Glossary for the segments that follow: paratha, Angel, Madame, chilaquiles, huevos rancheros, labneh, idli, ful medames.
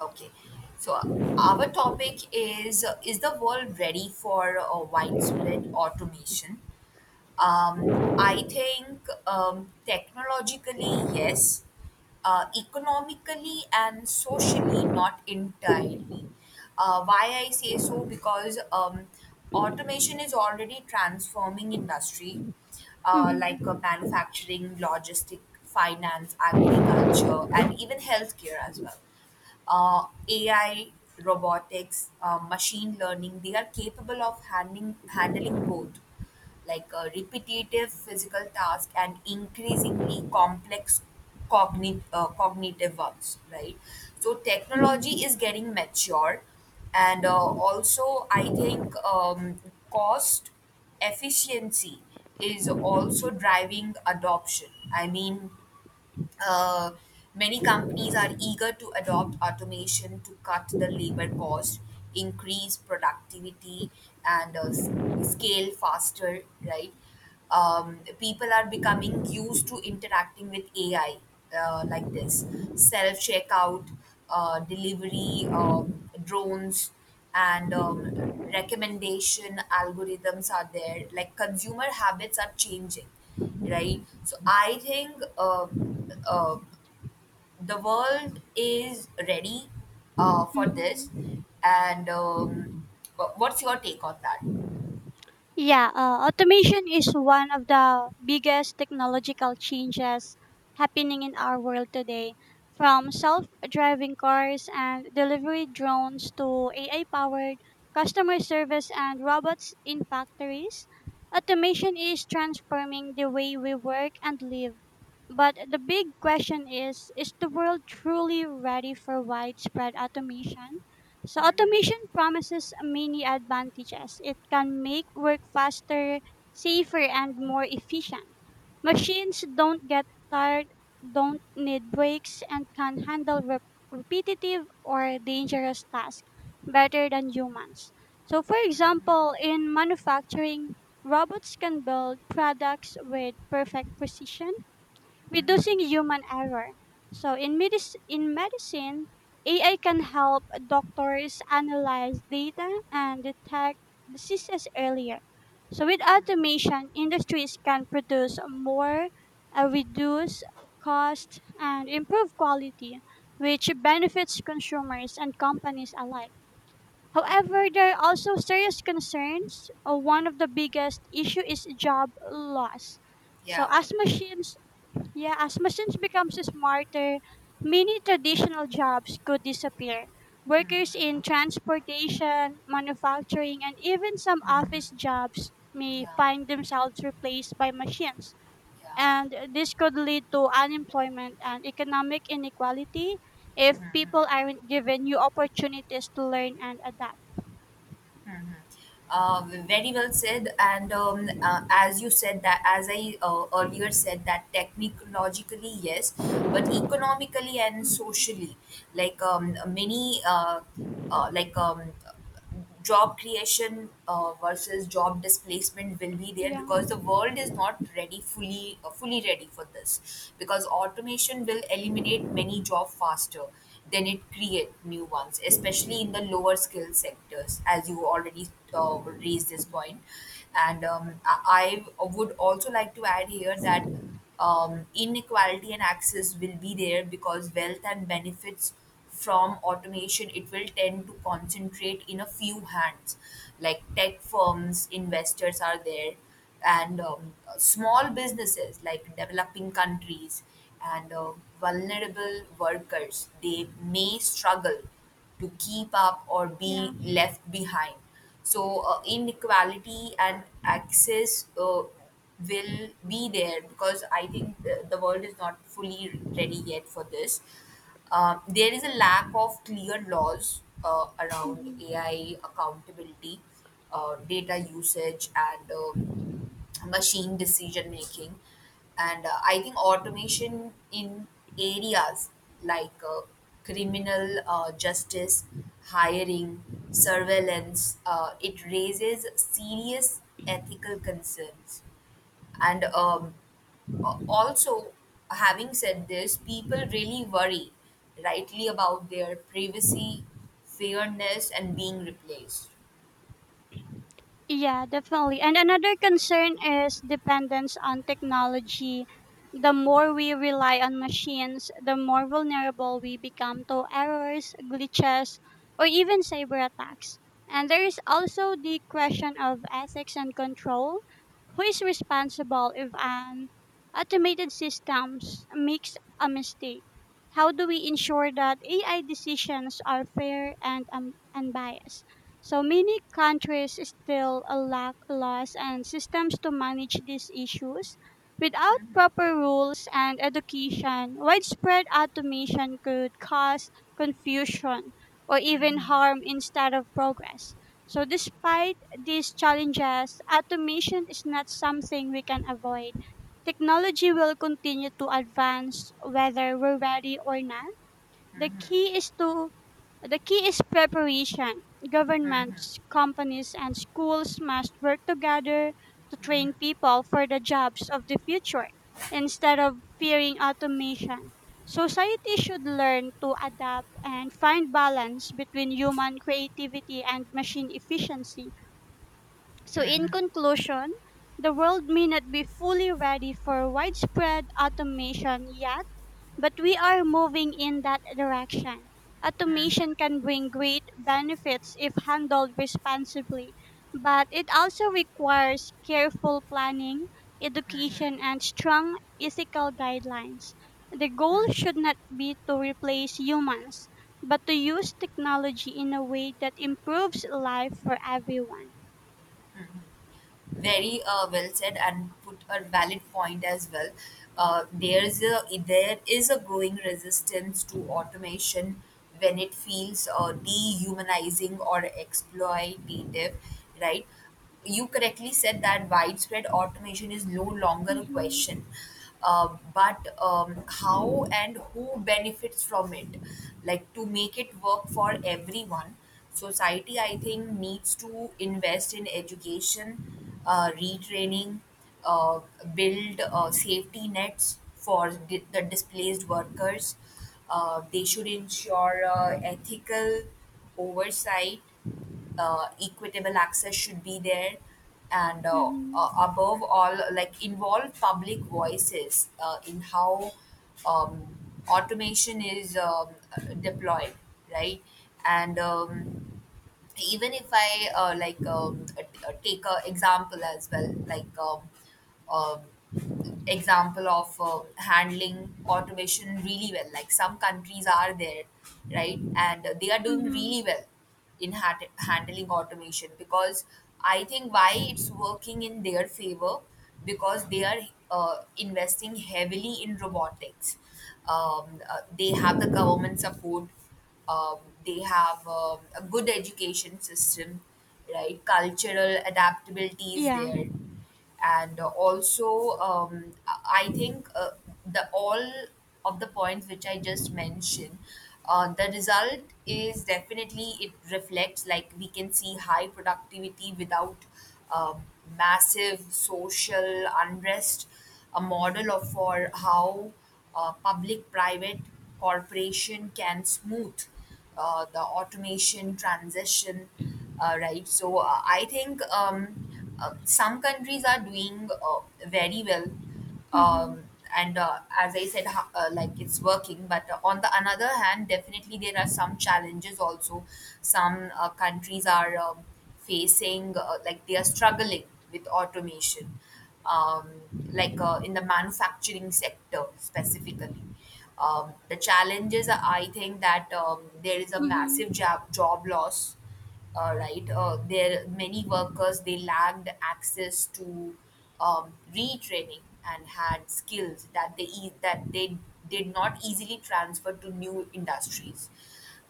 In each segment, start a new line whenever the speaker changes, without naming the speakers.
Okay. So our topic is, is the world ready for widespread automation? I think technologically yes, economically and socially not entirely. Why I say so, because automation is already transforming industry, like
Mhm,
manufacturing, logistic, finance, agriculture, and even healthcare as well. AI, robotics, machine learning, they are capable of handling both, like repetitive physical tasks and increasingly complex cognitive ones, right? So technology
mhm,
is getting mature, and also I think cost efficiency is also driving adoption. I mean, uh, many companies are eager to adopt automation to cut the labor cost, increase productivity, and scale faster, right? People are becoming used to interacting with AI, like this self checkout, delivery, drones, and recommendation algorithms are there. Like consumer habits are changing, right? So I think, uh, the world is ready for this.
mhm.
And what's your take on that?
Yeah, automation is one of the biggest technological changes happening in our world today. From self driving cars and delivery drones to AI powered customer service and robots in factories, automation is transforming the way we work and live. But the big question is the world truly ready for widespread automation? So
Mm-hmm,
automation promises many advantages. It can make work faster, safer, and more efficient. Machines don't get tired, don't need breaks, and can handle repetitive or dangerous tasks better than humans. So, for example, in manufacturing, robots can build products with perfect precision reducing
mm-hmm.
human error. So in medicine, AI can help doctors analyze data and detect diseases earlier. So with automation, industries can produce more, reduce cost, and improve quality, which benefits consumers and companies alike. However, there are also serious concerns. One of the biggest issue is job loss. So
Yeah.
as machines, become smarter, many traditional jobs could disappear. Workers in transportation, manufacturing, and even some
Mm-hmm.
office jobs may
Yeah,
find themselves replaced by machines.
yeah.
And this could lead to unemployment and economic inequality if people aren't given new opportunities to learn and adapt.
Mhm. Uh, Very well said. And as you said that, as I earlier said, that technologically, yes, but economically and
Mhm.
socially, like many, like job creation versus job displacement will be there,
Yeah,
because the world is not ready fully, fully ready for this, because automation will eliminate many job faster then it create new ones, especially in the lower skill sectors, as you already uh, raised this point. And I would also like to add here that inequality and access will be there, because wealth and benefits from automation, it will tend to concentrate in a few hands, like tech firms investors are there. And small businesses, like developing countries and vulnerable workers, they may struggle to keep up or
yeah.
be left behind. So inequality and access will be there, because I think the world is not fully ready yet for this. There is a lack of clear laws around
Mhm.
AI accountability, data usage, and machine decision making. And I think automation in areas like criminal justice, hiring, surveillance, it raises serious ethical concerns. And uh, also, having said this, people really worry, rightly, about their privacy, fairness, and being replaced.
Yeah, definitely. And another concern is dependence on technology. The more we rely on machines, the more vulnerable we become to errors, glitches, or even cyber attacks. And there is also the question of ethics and control. Who is responsible if an automated systems makes a mistake? How do we ensure that AI decisions are fair and unbiased? So many countries still lack laws and systems to manage these issues. Without proper rules and education, widespread automation could cause confusion or even harm instead of progress. So, despite these challenges, automation is not something we can avoid. Technology will continue to advance whether we're ready or not, the key is to the key is preparation. Governments, companies, and schools must work together to train people for the jobs of the future instead of fearing automation. Society should learn to adapt and find balance between human creativity and machine efficiency. So, in conclusion, the world may not be fully ready for widespread automation yet, but we are moving in that direction. Automation can bring great benefits if handled responsibly, but it also requires careful planning, education, and strong ethical guidelines. The goal should not be to replace humans, but to use technology in a way that improves life for everyone.
Very well said, and put a valid point as well. Uh, there's a there is a growing resistance to automation when it feels dehumanizing or exploitative, right? You correctly said that widespread automation is no longer a question,
Mhm.
but how, and who benefits from it? Like, to make it work for everyone, society I think needs to invest in education, retraining, uh, build safety nets for the displaced workers. They should ensure ethical oversight, equitable access should be there, and
Mhm.
above all, like, involve public voices in how um, automation is deployed, right? And even if I take a example as well, like um, example of handling automation really well. Like, some countries are there, right, and they are doing
Mhm.
really well in handling automation, because I think why it's working in their favor, because they are investing heavily in robotics. They have the government support, um, they have a good education system, right, cultural adaptability is
Yeah.
there. And also I think the all of the points which I just mentioned, the result is definitely, it reflects, like we can see high productivity without um, massive social unrest, a model of for how public-private corporation can smooth the automation transition, right? So I think some countries are doing very well,
Mhm.
um, and as I said, like it's working. But on the another hand, definitely there are some challenges also. Some countries are facing, like they are struggling with automation, um, like in the manufacturing sector specifically. The challenges are, I think, that there is a massive
Mhm.
job loss, right? There many workers, they lacked access to retraining, and had skills that that they did not easily transfer to new industries.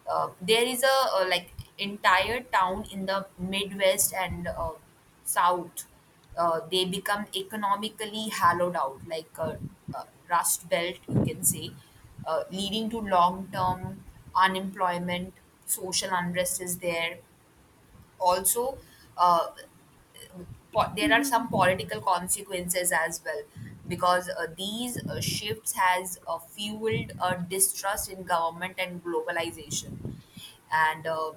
There is a, like, entire town in the Midwest and South, they become economically hollowed out, like a rust belt, you can say, leading to long term unemployment, social unrest is there. Also, uh, there are some
Mhm.
political consequences as well, because these shifts has fueled a distrust in government and globalization. And um,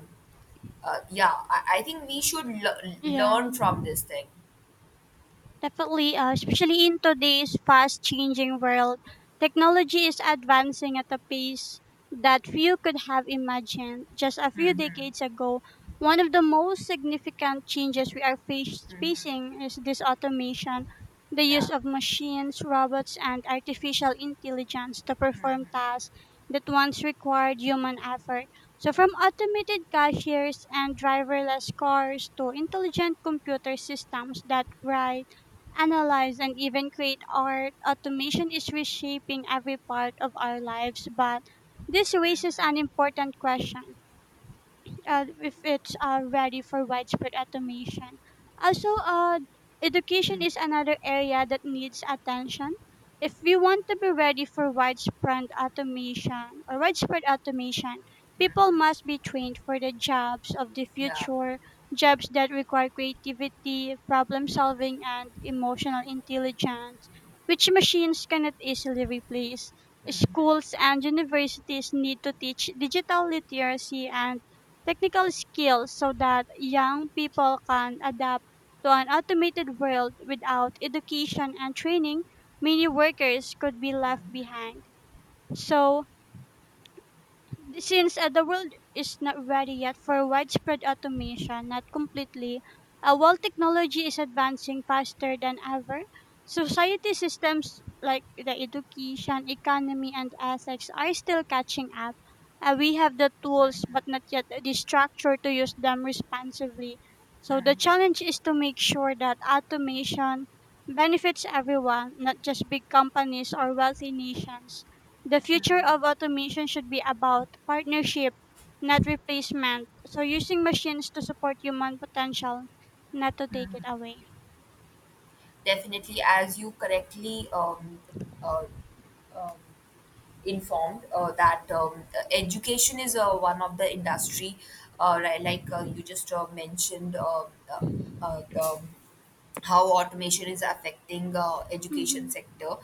uh, yeah, I think we should
Yeah.
learn from this thing.
Definitely, especially in today's fast changing world, technology is advancing at a pace that few could have imagined just a few
Hmm.
decades ago. One of the most significant changes we are
Mhm.
facing is this automation, the
Yeah.
use of machines, robots, and artificial intelligence to perform tasks that once required human effort. So, from automated cashiers and driverless cars to intelligent computer systems that write analyze, and even create art, automation is reshaping every part of our lives. But this raises an important question. If it's ready for widespread automation. Also, education
Mm.
is another area that needs attention. If we want to be ready for widespread automation or widespread automation, people must be trained for the jobs of the
Yeah.
future, jobs that require creativity, problem solving, and emotional intelligence, which machines cannot easily replace. Schools and universities need to teach digital literacy and technical skills so that young people can adapt to an automated world. Without education and training, many workers could be left behind. So, since the world is not ready yet for widespread automation, not completely, while technology is advancing faster than ever, society systems like the education, economy, and ethics are still catching up. We have the tools, but not yet the structure to use them responsibly. So the challenge is to make sure that automation benefits everyone, not just big companies or wealthy nations. The future of automation should be about partnership, not replacement. So, using machines to support human potential, not to take
Mm.
it away.
Definitely. As you correctly uh, um, informed that education is one of the industry, right, like you just mentioned the how automation is affecting education
Mm-hmm.
sector.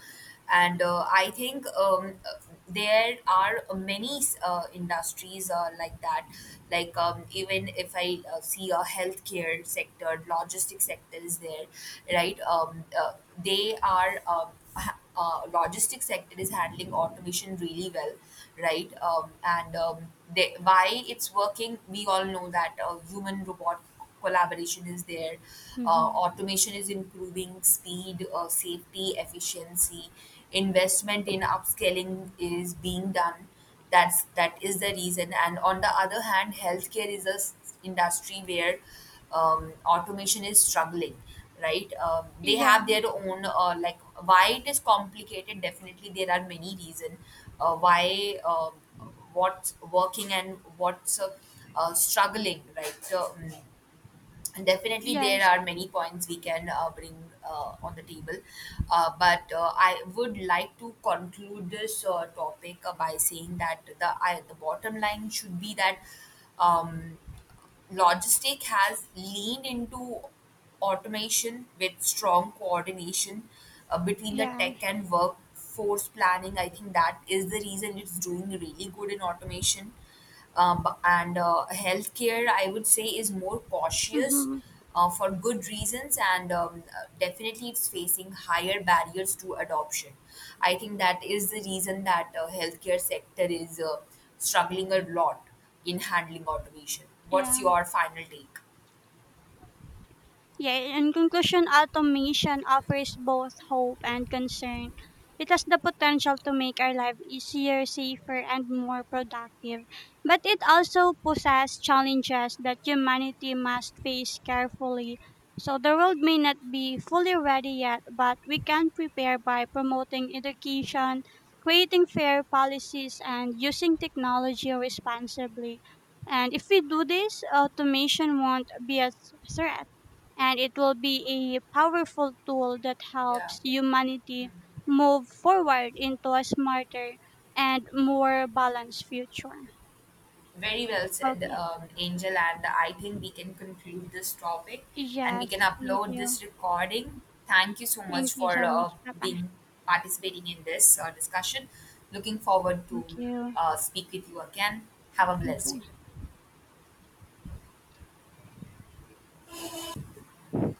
And I think there are many industries like that, like even if I see a healthcare sector, logistics sector is there, right. They are logistics sector is handling automation really well, right. And why it's working, we all know that human robot collaboration is there.
Hmm.
Automation is improving speed, safety, efficiency, investment in upscaling is being done, that is the reason. And on the other hand, healthcare is a industry where automation is struggling, right. They
Yeah.
have their own, like, why it is complicated, definitely there are many reasons why what's working and what's struggling, right. And definitely, there
Yes.
are many points we can bring on the table. But I would like to conclude this topic by saying that the bottom line should be that. Um, Logistic has leaned into automation with strong coordination between the
Yeah.
tech and workforce planning. I think that is the reason it's doing really good in automation. And healthcare, I would say, is more cautious
Mm-hmm.
for good reasons, and definitely it's facing higher barriers to adoption. I think that is the reason that healthcare sector is struggling a lot in handling automation. What's
Yeah.
your final take?
Yeah, in conclusion, automation offers both hope and concern. It has the potential to make our life easier, safer, and more productive. But it also poses challenges that humanity must face carefully. So the world may not be fully ready yet, but we can prepare by promoting education, creating fair policies, and using technology responsibly. And if we do this, automation won't be a threat, and it will be a powerful tool that
Yeah.
helps humanity move forward into a smarter and more balanced future.
Very well said,
Okay.
Angel. And I think we can conclude this topic, and we
Yes,
can
thank
upload
you.
this recording. Thank you so much
Thank you
for
so much. Bye, bye.
being participating in this discussion. Looking forward to
Thank you.
speak with you again. Have a
Thank
blessed
you.
day.